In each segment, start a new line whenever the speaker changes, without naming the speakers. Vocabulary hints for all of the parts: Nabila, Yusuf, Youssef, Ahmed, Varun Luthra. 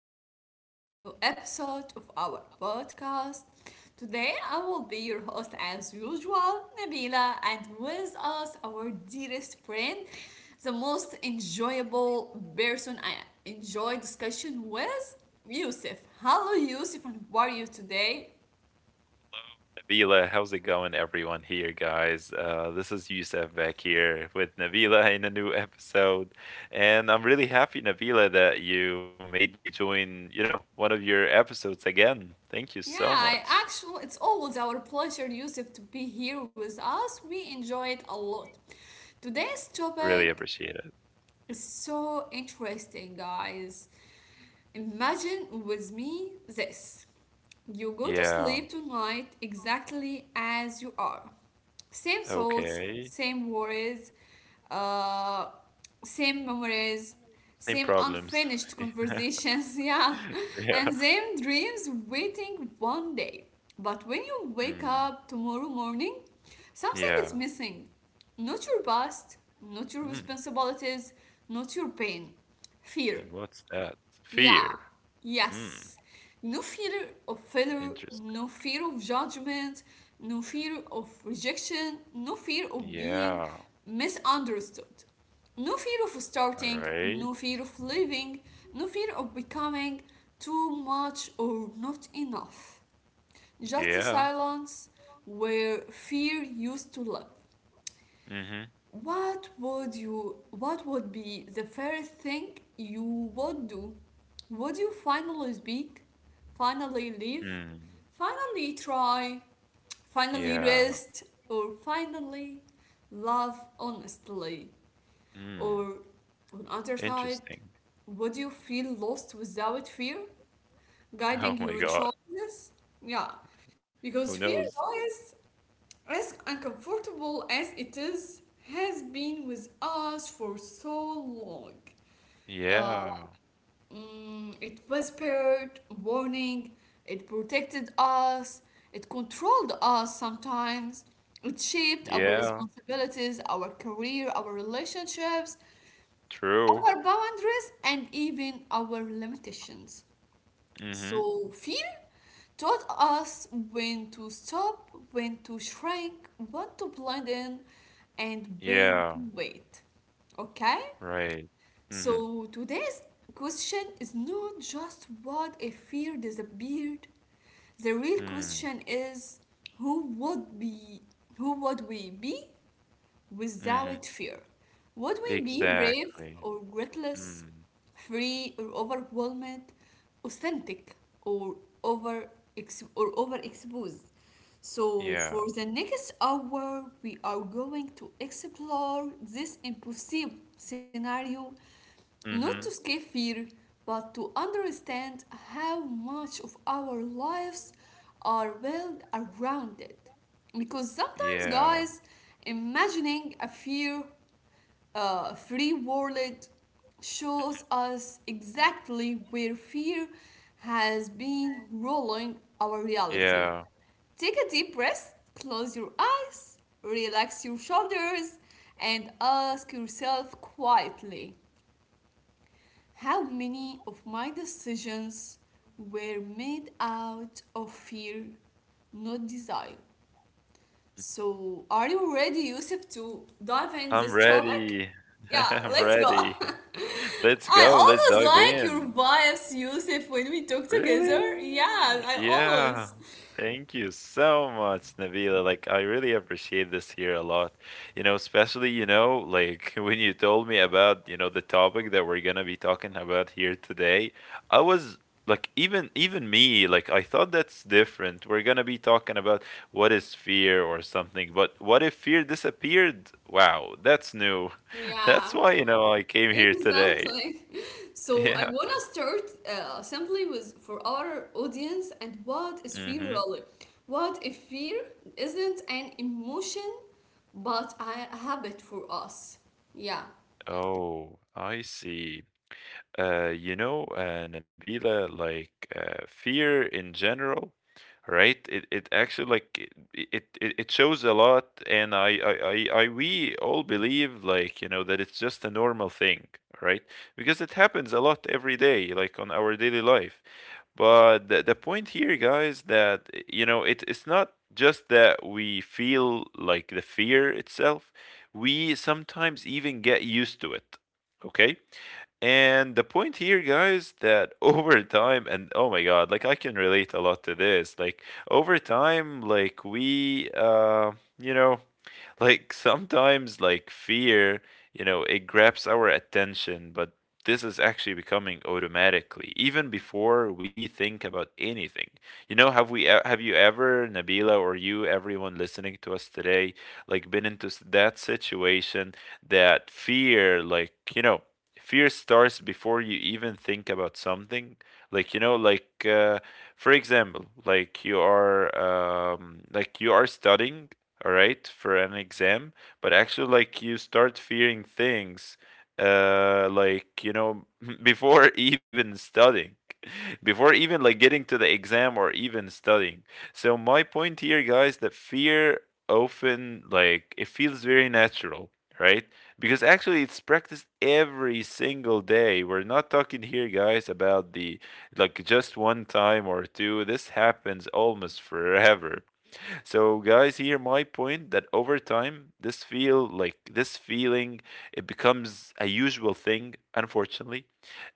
welcome back to a new episode of our podcast. Today, I will be your host as usual, Nabila, and with us, our dearest friend, the most enjoyable person I enjoy discussion with, Yusuf. Hello, Yusuf, and how are you today?
Nabila, how's it going, everyone here, guys? This is Youssef back here with Nabila in a new episode, and I'm really happy, Nabila, that you made me join. You know, one of your episodes again. Thank you so
Yeah, I
much.
actually, it's always our pleasure, Yusuf, to be here with us. We enjoy it a lot. Today's
Really
topic
appreciate it.
it's so interesting, guys. Imagine with me this. You go to
Yeah.
sleep tonight exactly as you are. Same thoughts,
Okay.
same worries, uh, same memories,
Same
same
problems.
unfinished
Yeah.
conversations, yeah, and same dreams waiting one day. But when you wake
Mm,
up tomorrow morning, something is
yeah.
missing. Not your past, not your
Mm,
responsibilities, not your pain. Fear.
then what's that?
Yeah.
Fear. Hmm.
Yes. No fear of failure,
Interesting.
no fear of judgment, no fear of rejection, no fear of being
Yeah.
misunderstood. No fear of
All
starting,
right.
no fear of living, no fear of becoming too much or not enough. Just a
Yeah.
silence where fear used to live.
Mm-hmm.
What would be the first thing you would do? Would you finally speak? Finally leave?
Hmm.
Finally try? Finally
Yeah.
rest? Or finally love honestly?
Mm.
Or on other side,
Interesting.
would you feel lost without fear
Oh
guiding
my
your
God.
choices? Yeah, because
Who
fear,
knows?
guys, as uncomfortable as it is, has been with us for so long. Uh,
Yeah.
it whispered warning, it protected us, it controlled us sometimes, it shaped our
Yeah.
responsibilities, our career, our relationships,
True.
our boundaries, and even our limitations.
Mm-hmm.
So fear taught us when to stop, when to shrink, when to blend in, and when
Yeah.
to wait. Okay?
Right. Mm-hmm.
So today's question is not just what if fear disappeared. The real
Mm.
question is who would be who would we be
Mm-hmm.
without fear. Would we be brave
Exactly.
or ruthless,
Mm.
free or overwhelmed, authentic or over or overexposed? So
Yeah.
for the next hour, we are going to explore this impossible scenario, not to
Mm-hmm.
escape fear, but to understand how much of our lives are built around it, because sometimes,
Yeah.
guys, imagining a fear free world shows us exactly where fear has been ruling our reality.
Yeah.
Take a deep breath, close your eyes, relax your shoulders, and ask yourself quietly, how many of my decisions were made out of fear, not desire? So, are you ready, Yusuf, to dive in
I'm
this topic?
ready.
Yeah,
I'm
let's go.
ready. Let's
I
go. Let's
always
dive
like your
in.
vibes, Yusuf, when we talk
Really?
together. Yeah, I
Yeah.
always.
Thank you so much, Nabila. Like, I really appreciate this here a lot. You know, especially, like when you told me about, the topic that we're gonna be talking about here today, I was like, even me, like, I thought that's different. We're gonna be talking about what is fear or something, but what if fear disappeared? Wow, that's new.
Yeah,
That's why, you know, I came here today.
exactly. So, I
Yeah.
want to start simply with for our audience, and what is fear
Mm-hmm.
really? What if fear isn't an emotion but a habit for us? Yeah.
Oh, I see. You know, Nabila, like fear in general, right? It actually like it shows a lot, and I we all believe, like, you know, that it's just a normal thing, right? Because it happens a lot every day, like on our daily life. But the point here, guys, that, you know, it's not just that we feel like the fear itself. We sometimes even get used to it. Okay? And the point here, guys, that over time, and oh my god, like I can relate a lot to this. Like over time, like you know, like sometimes like fear, you know, it grabs our attention, but this is actually becoming automatically even before we think about anything. You know, have you ever, Nabila, or you, everyone listening to us today, like that situation that fear, like, you know, fear starts before you even think about something, like, you know, like for example, like you are studying, all right, for an exam, but actually like you start fearing things, like, you know, before even studying, before even like getting to the exam or even studying. So my point here, guys, that fear often like it feels very natural, right, because actually it's practiced every single day. We're not talking here, guys, about the like just one time or two. This happens almost forever. So, guys, here my point that over time this feeling, it becomes a usual thing, unfortunately.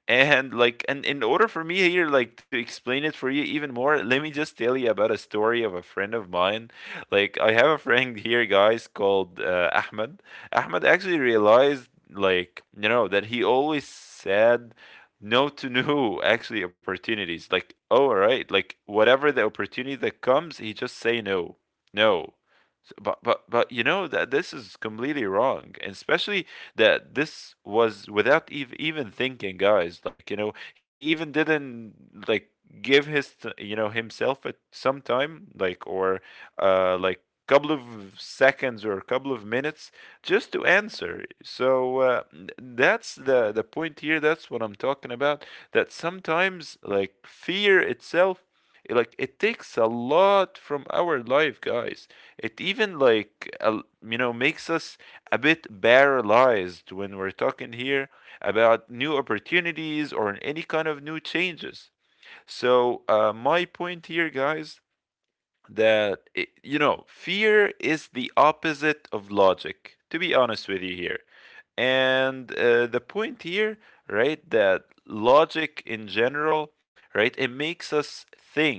And in order for me here, like, to explain it for you even more, let me just tell you about a story of a friend of mine. Like, I have a friend here, guys, called Ahmed. Ahmed actually realized, like, you know, that he always said no to new actually opportunities. Like, oh, all right, like, whatever the opportunity that comes, he just say no, no. So, but you know that this is completely wrong, and especially that this was without even thinking, guys. Like, you know, he even didn't like give you know, himself at some time, like, or like couple of seconds or a couple of minutes just to answer. So, that's the point here. That's what I'm talking about, that sometimes like fear itself, like it takes a lot from our life, guys. It even like, you know, makes us a bit paralyzed when we're talking here about new opportunities or any kind of new changes. So, my point here, guys, that, you know, fear is the opposite of logic, to be honest with you here. And the point here, right, that logic in general, right, it makes us think.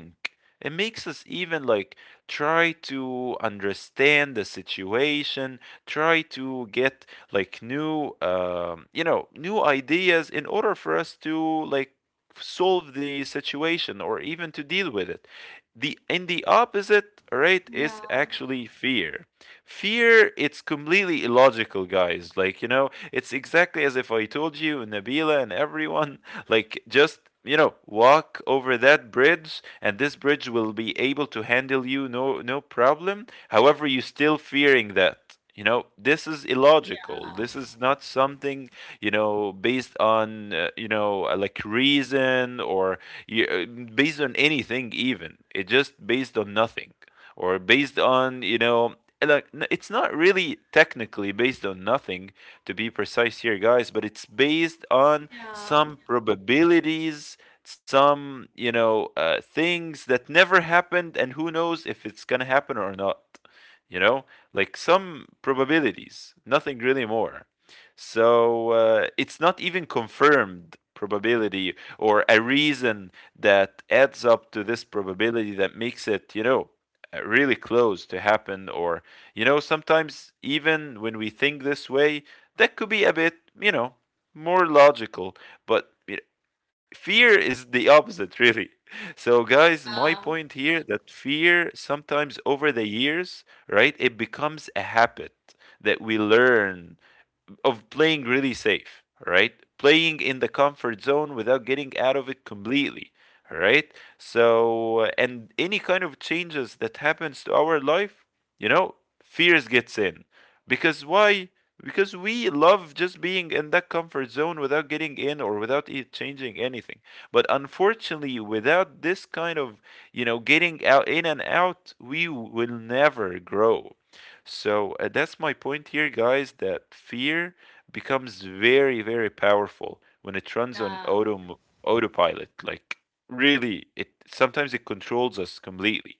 It makes us even like try to understand the situation, try to get like new, you know, new ideas in order for us to like solve the situation or even to deal with it. The opposite, right, is
Yeah,
actually fear. Fear, it's completely illogical, guys. Like, you know, it's exactly as if I told you, Nabila, and everyone, like, just, you know, walk over that bridge, and this bridge will be able to handle you, no, no problem. However, you're still fearing that. You know, this is illogical. This is not something, you know, based on, you know, like, reason or based on anything, even. It just based on nothing, or based on, you know, like it's not really technically based on nothing, to be precise here, guys, but it's based on
yeah.
some probabilities, some, things that never happened, and who knows if it's gonna happen or not, you know, like some probabilities, nothing really more. So, it's not even confirmed probability or a reason that adds up to this probability that makes it, you know, really close to happen, or, you know, sometimes even when we think this way, that could be a bit, you know, more logical. But fear is the opposite, really. So, guys, my
Yeah,
point here that fear sometimes over the years, right, it becomes a habit that we learn of playing really safe, right? Playing in the comfort zone without getting out of it completely, right? So, and any kind of changes that happens to our life, you know, fears gets in. Because why? Because we love just being in that comfort zone without getting in or without it changing anything. But unfortunately, without this kind of, you know, getting out in and out, we will never grow. So, that's my point here, guys, that fear becomes very, very powerful when it runs on
yeah.
autopilot. Like, really, it sometimes it controls us completely.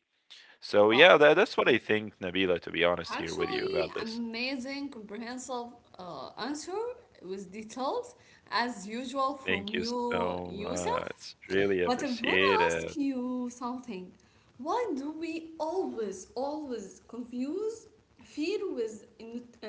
So yeah,
Wow.
that's what I think, Nabila, to be honest here with you
Actually,
about this.
amazing, comprehensive answer with details as usual from
Thank you
you,
so
Yusuf.
much. Really
But I want to
appreciate it.
ask you something. Why do we always, always confuse fear with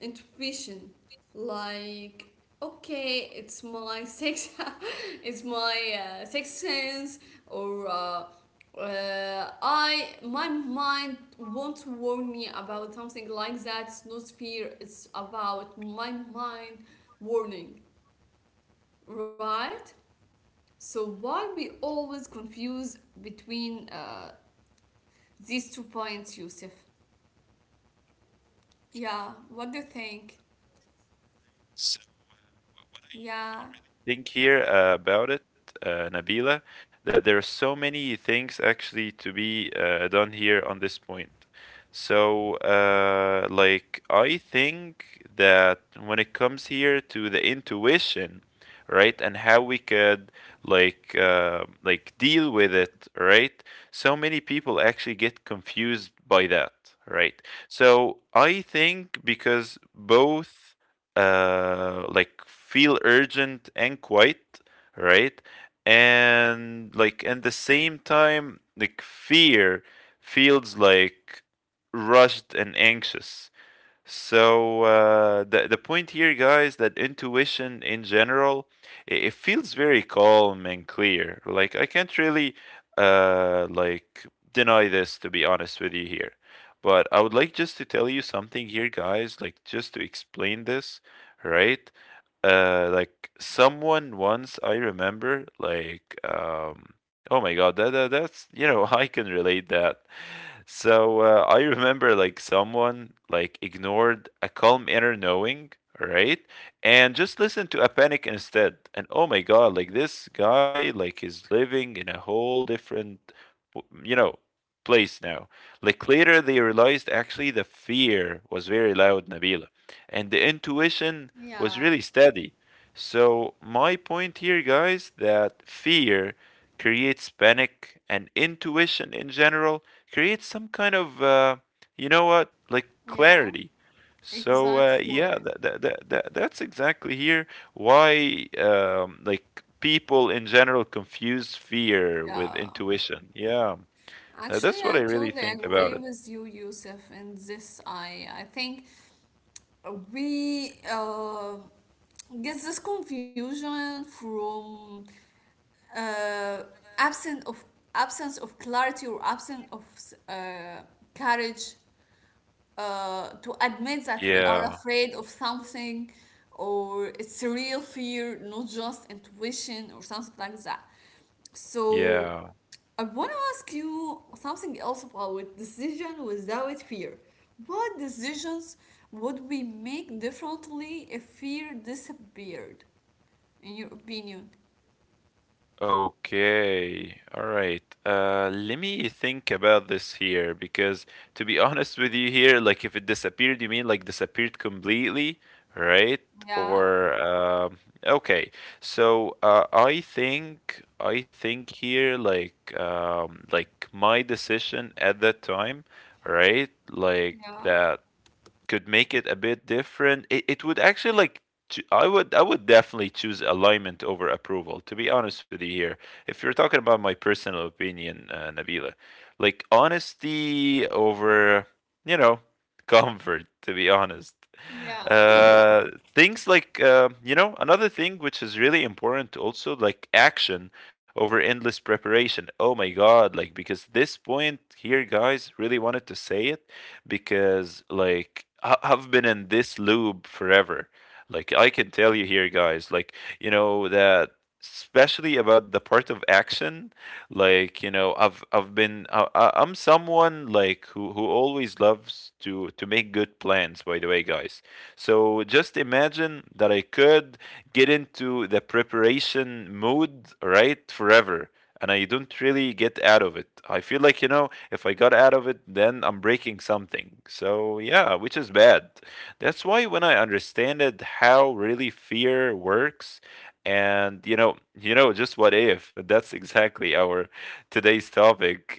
intuition? Like, okay, it's my sex, it's my sex sense, or I my mind won't warn me about something like that. It's not fear. It's about my mind warning, right? So why we always confuse between these two points, Yusuf? Yeah. What do you think?
So
Yeah.
think here about it, Nabila, that there are so many things actually to be done here on this point. So, like, I think that when it comes here to the intuition, right, and how we could like deal with it, right? So many people actually get confused by that, right? So I think because both like feel urgent and quiet, right? And like at the same time, like fear feels like rushed and anxious. So the point here, guys, that intuition in general, feels very calm and clear. Like I can't really uh, like deny this, to be honest with you here. But I would like just to tell you something here, guys. Like just to explain this, right? Like someone once I remember, like oh my God, that's, you know, I can relate that. So I remember like someone like ignored a calm inner knowing, right? And just listened to a panic instead. And oh my God, like this guy like is living in a whole different you know, place now. Like later they realized actually the fear was very loud, Nabila. And the intuition was
Yeah,
really steady. So my point here, guys, that fear creates panic, and intuition in general create some kind of you know what, like
yeah,
clarity. So yeah,
exactly.
that's exactly here why like people in general confuse fear with
Yeah.
intuition. Yeah, that's
Actually,
what I
I
really
totally
think
agree
about it.
with you, Yusuf, in this. I think we get this confusion from uh, absence of absence of clarity or absence of uh, courage to admit that we are
Yeah,
afraid of something, or it's a real fear, not just intuition or something like that. So
yeah.
I want to ask you something else about decision without fear. What decisions would we make differently if fear disappeared, in your opinion?
Okay, all right. Let me think about this here, because, to be honest with you here, like if it disappeared, you mean like disappeared completely, right?
Yeah,
Or okay. So I think here like my decision at that time, right? Like
yeah,
that could make it a bit different. It would actually like I would definitely choose alignment over approval. To be honest with you here, if you're talking about my personal opinion, Nabila, like honesty over, you know, comfort. To be honest,
yeah,
uh, things like, you know, another thing which is really important also like action over endless preparation. Oh my god! Like because this point here, guys, really wanted to say it, because like I've been in this loop forever. Like I can tell you here, guys. Like you know that especially about the part of action, like, you know, I'm someone like who always loves to make good plans, by the way, guys. So just imagine that I could get into the preparation mode, right, forever. And I don't really get out of it. I feel like, you know, if I got out of it, then I'm breaking something. So, yeah, which is bad. That's why when I understanded how really fear works, and just what if? That's exactly our today's topic.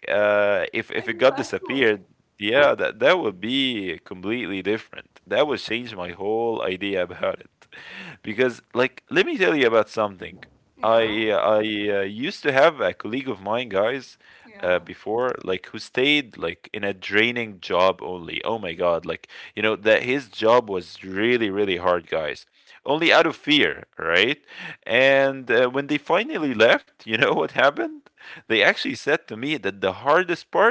yeah,
If it got
exactly.
disappeared, yeah, that would be completely different. That would change my whole idea about it. Because like let me tell you about something.
Yeah,
I used to have a colleague of mine, guys,
yeah.
before like who stayed like in a draining job only. Oh my God, like you know that his job was really hard, guys. Only out of fear, right? And when they finally left, you know what happened? They actually said to me that the hardest part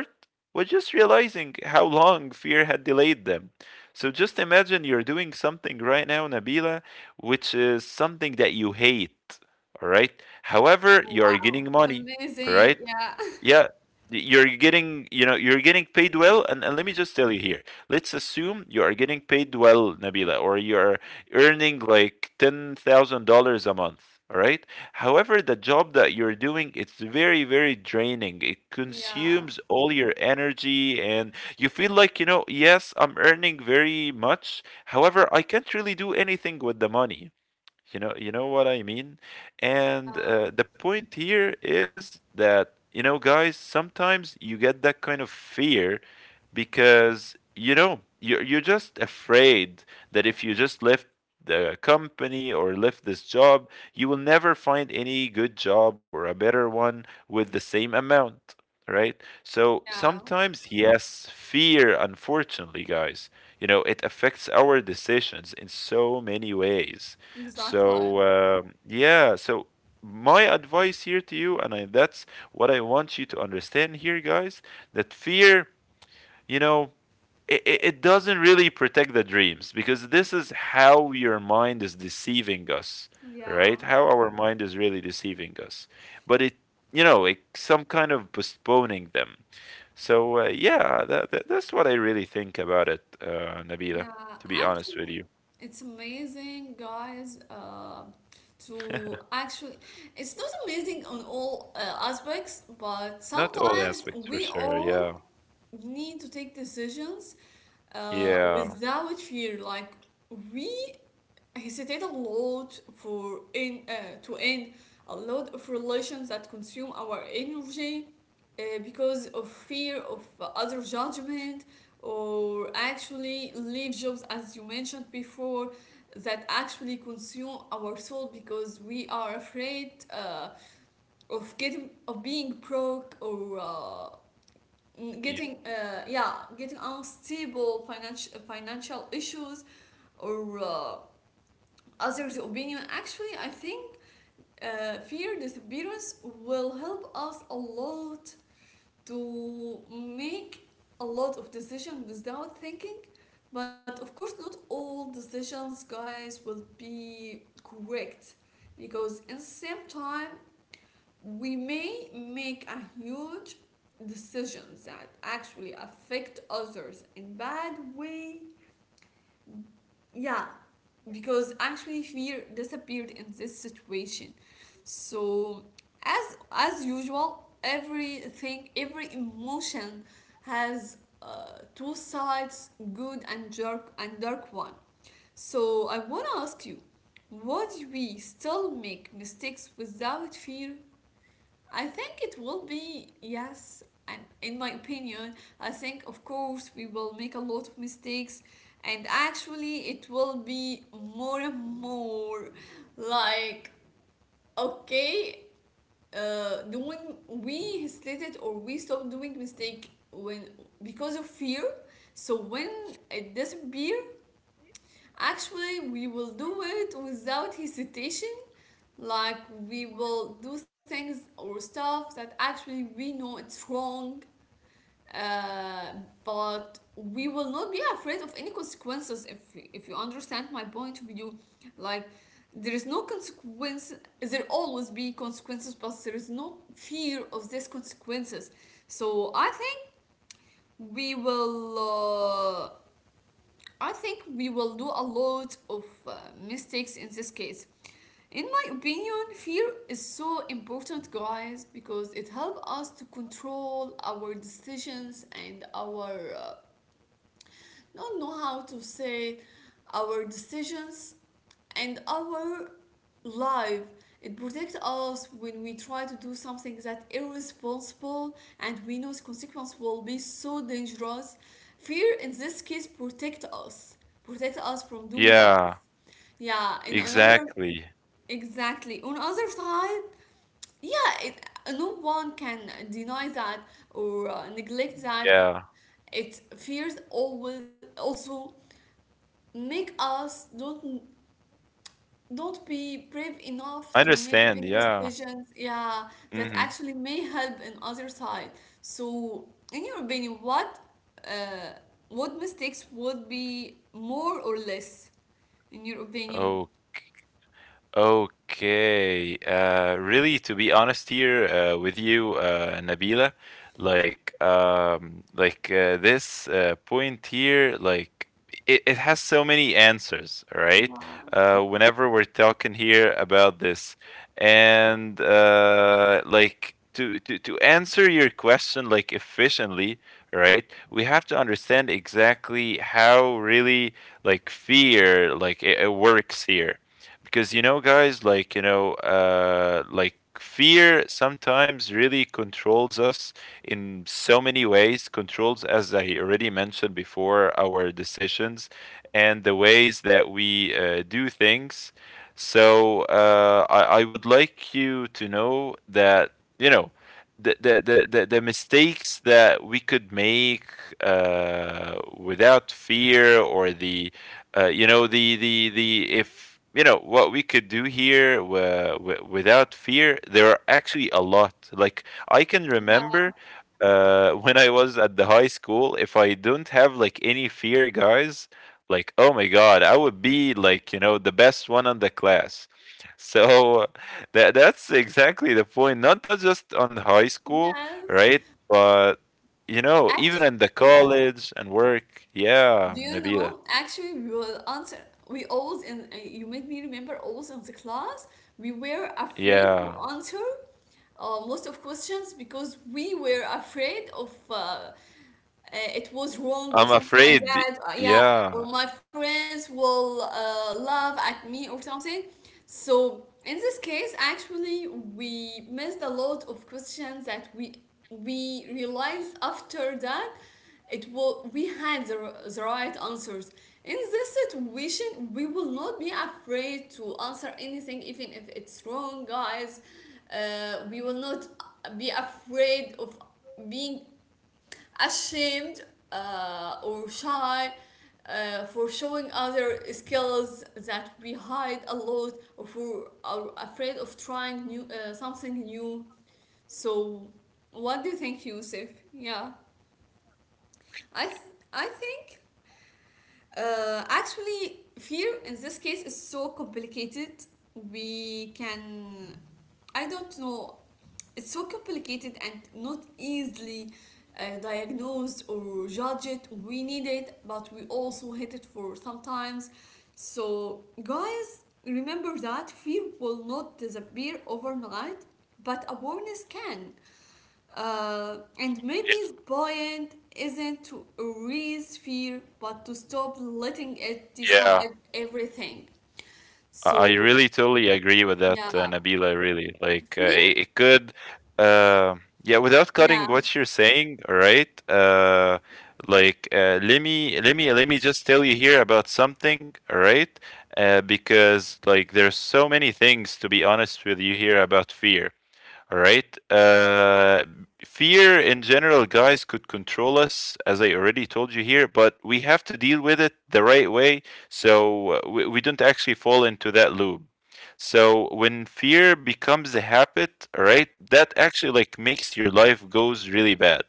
was just realizing how long fear had delayed them. So just imagine you're doing something right now, Nabila, which is something that you hate, all right? However, you are
Wow,
getting
it's
money, all right?
amazing. Yeah,
Yeah, you're getting, you're getting paid well. And let me just tell you here, let's assume you are getting paid well, Nabila, or you're earning like $10,000 a month. All right. However, the job that you're doing, it's very, very draining. It
yeah,
consumes all your energy, and you feel like, you know, yes, I'm earning very much. However, I can't really do anything with the money. You know what I mean? And
uh,
the point here is that, you know, guys, sometimes you get that kind of fear because you know you're just afraid that if you just left the company or left this job, you will never find any good job or a better one with the same amount, right? So
yeah,
sometimes yes, fear unfortunately, guys, you know, it affects our decisions in so many ways.
exactly.
So yeah, so my advice here to you and I, that's what I want you to understand here, guys, that fear, you know, it doesn't really protect the dreams, because this is how your mind is deceiving us,
Yeah.
right? How our mind is really deceiving us, but it, you know, it some kind of postponing them. So yeah, that's what I really think about it, Nabila,
Yeah,
to be honest with
actually,
you.
it's amazing, guys. To Actually, it's not amazing on all aspects, but
Not all aspects
sometimes
for
we
sure, yeah.
all need to take decisions
Yeah.
without fear. Like, we hesitate a lot for in to end a lot of relations that consume our energy because of fear of other judgment, or actually leave jobs, as you mentioned before, that actually consume our soul, because we are afraid of getting of being broke, or
yeah,
getting yeah, getting unstable financial issues, or others' opinion. Actually, I think fear disappearance will help us a lot to make a lot of decisions without thinking. But of course, not all decisions, guys, will be correct, because in the same time, we may make a huge decisions that actually affect others in bad way. Yeah, because actually fear disappeared in this situation. So, as usual, everything, every emotion has two sides, good and dark one. So, I wanna ask you, would we still make mistakes without fear? I think it will be yes. And in my opinion, I think of course we will make a lot of mistakes, and actually it will be more and more. Like, okay, doing we hesitated, or we stopped doing mistake when because of fear, so when it disappear, actually we will do it without hesitation. Like, we will do things or stuff that actually we know it's wrong, uh, but we will not be afraid of any consequences, if you understand my point of view. Like, there is no consequence, there always be consequences, but there is no fear of these consequences. So I think we will uh, do a lot of mistakes in this case. In my opinion, fear is so important, guys, because it helps us to control our decisions and our don't know how to say it. Our decisions and our life. It protects us when we try to do something that irresponsible and we know the consequence will be so dangerous. Fear in this case protect us from doing this.
yeah
Yeah, in another
Exactly.
exactly. On other side, yeah, it, no one can deny that, or neglect that.
Yeah,
It fears always also make us don't be brave enough
I
to make
understand.
big
Yeah.
decisions, yeah, that
mm-hmm.
actually may help in other side. So in your opinion, uh, what mistakes would be more or less, in your opinion?
Oh, okay. Really, to be honest here with you, Nabila, like this point here, like it has so many answers, all right?
Yeah,
Whenever we're talking here about this, and like to answer your question like efficiently, right? We have to understand exactly how really like fear like it works here, because you know, guys, like you know like fear sometimes really controls us in so many ways, controls as I already mentioned before our decisions and the ways that we do things. So I would like you to know that you know the mistakes that we could make, uh, without fear, or the you know the if you know what we could do here without fear, there are actually a lot. Like I can
yeah,
remember, when I was at the high school, if I don't have like any fear, guys, like oh my god, I would be like, you know, the best one on the class. So that's exactly the point, not that just on high school,
yes,
right? But you know, even
actually,
in the
yeah.
college and work,
Do
yeah,
you know?
Nabila.
Actually, we will answer. We always in You made me remember always in the class we were afraid to
Yeah.
answer most of questions, because we were afraid of it was wrong or
I'm
something like
afraid,
that, yeah, or
yeah,
my friends will laugh at me or something. So in this case, actually we missed a lot of questions that we realized after that, it will we had the, the right answers. In this situation, we will not be afraid to answer anything, even if it's wrong, guys. We will not be afraid of being ashamed, or shy, for showing other skills that we hide a lot, or for are afraid of trying new something new. So, what do you think, Yusuf? Yeah. I think actually fear in this case is so complicated. We can, I don't know, it's so complicated and not easily diagnosed or judged. We need it, but we also hate it for sometimes. So, guys, remember that fear will not disappear overnight, but awareness can. And maybe the point isn't to erase fear, but to stop letting it
yeah.
decide everything.
I
So,
really totally agree with that,
yeah,
Nabila. Really, like uh,
fear,
it, it could, uh, yeah. Without
yeah,
cutting what you're saying, all right? Like let me just tell you here about something, all right? Because like there's so many things, to be honest with you, here about fear. All right. Fear in general, guys, could control us, as I already told you here, but we have to deal with it the right way, so we don't actually fall into that loop. So when fear becomes a habit, all right, that actually like makes your life goes really bad.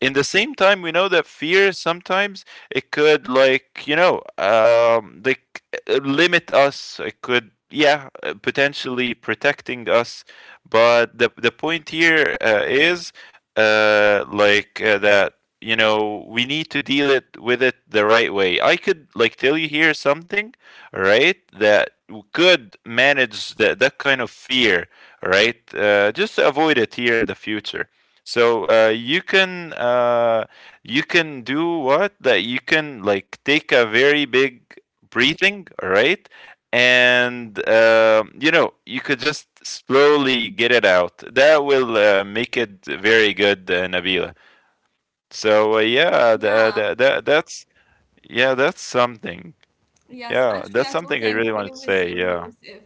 In the same time, we know that fear sometimes, it could like, you know, like limit us, it could, yeah, potentially protecting us, but the point here, is like that, you know, we need to deal it with it the right way. I could like tell you here something, right, that could manage that kind of fear, right? Just to avoid it here in the future. So you can do what, that you can like take a very big breathing, all right, and you know, you could just slowly get it out. That will make it very good, Nabila. So uh, yeah, that,
yeah.
that, that that's yeah, that's something.
Yes,
Yeah,
actually,
that's
I
something I
totally
really
agree
wanted to
with
say.
you,
Yeah,
Yusuf.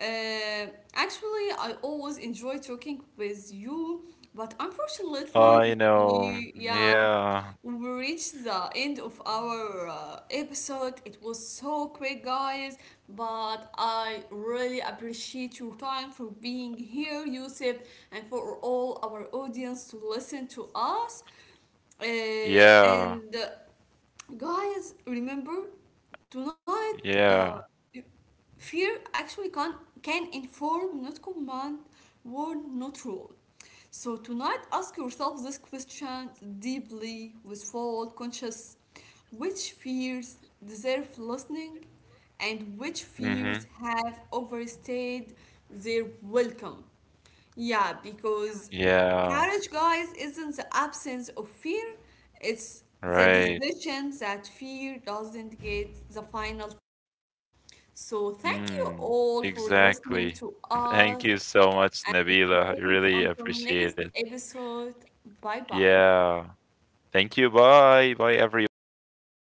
Uh, actually, I always enjoy talking with you, but unfortunately,
I know.
we yeah,
Yeah,
we reached the end of our episode. It was so quick, guys, but I really appreciate your time for being here, Yusuf, and for all our audience to listen to us. Uh,
yeah,
and Guys, remember tonight, uh,
yeah.
fear actually can inform, not command, warn, not rule. So tonight, ask yourself this question deeply, with full conscious: which fears deserve listening, and which fears
Mhm.
have overstayed their welcome? Yeah, because
Yeah.
courage, guys, isn't the absence of fear, it's the
Right.
decision that fear doesn't get the final. So, thank you
Mm,
all for listening
exactly.
to us,
Thank you so much,
and
Nabila. I
wait
really
until next
appreciate it.
episode. Bye bye.
Yeah. Thank you. Bye. Bye, everyone.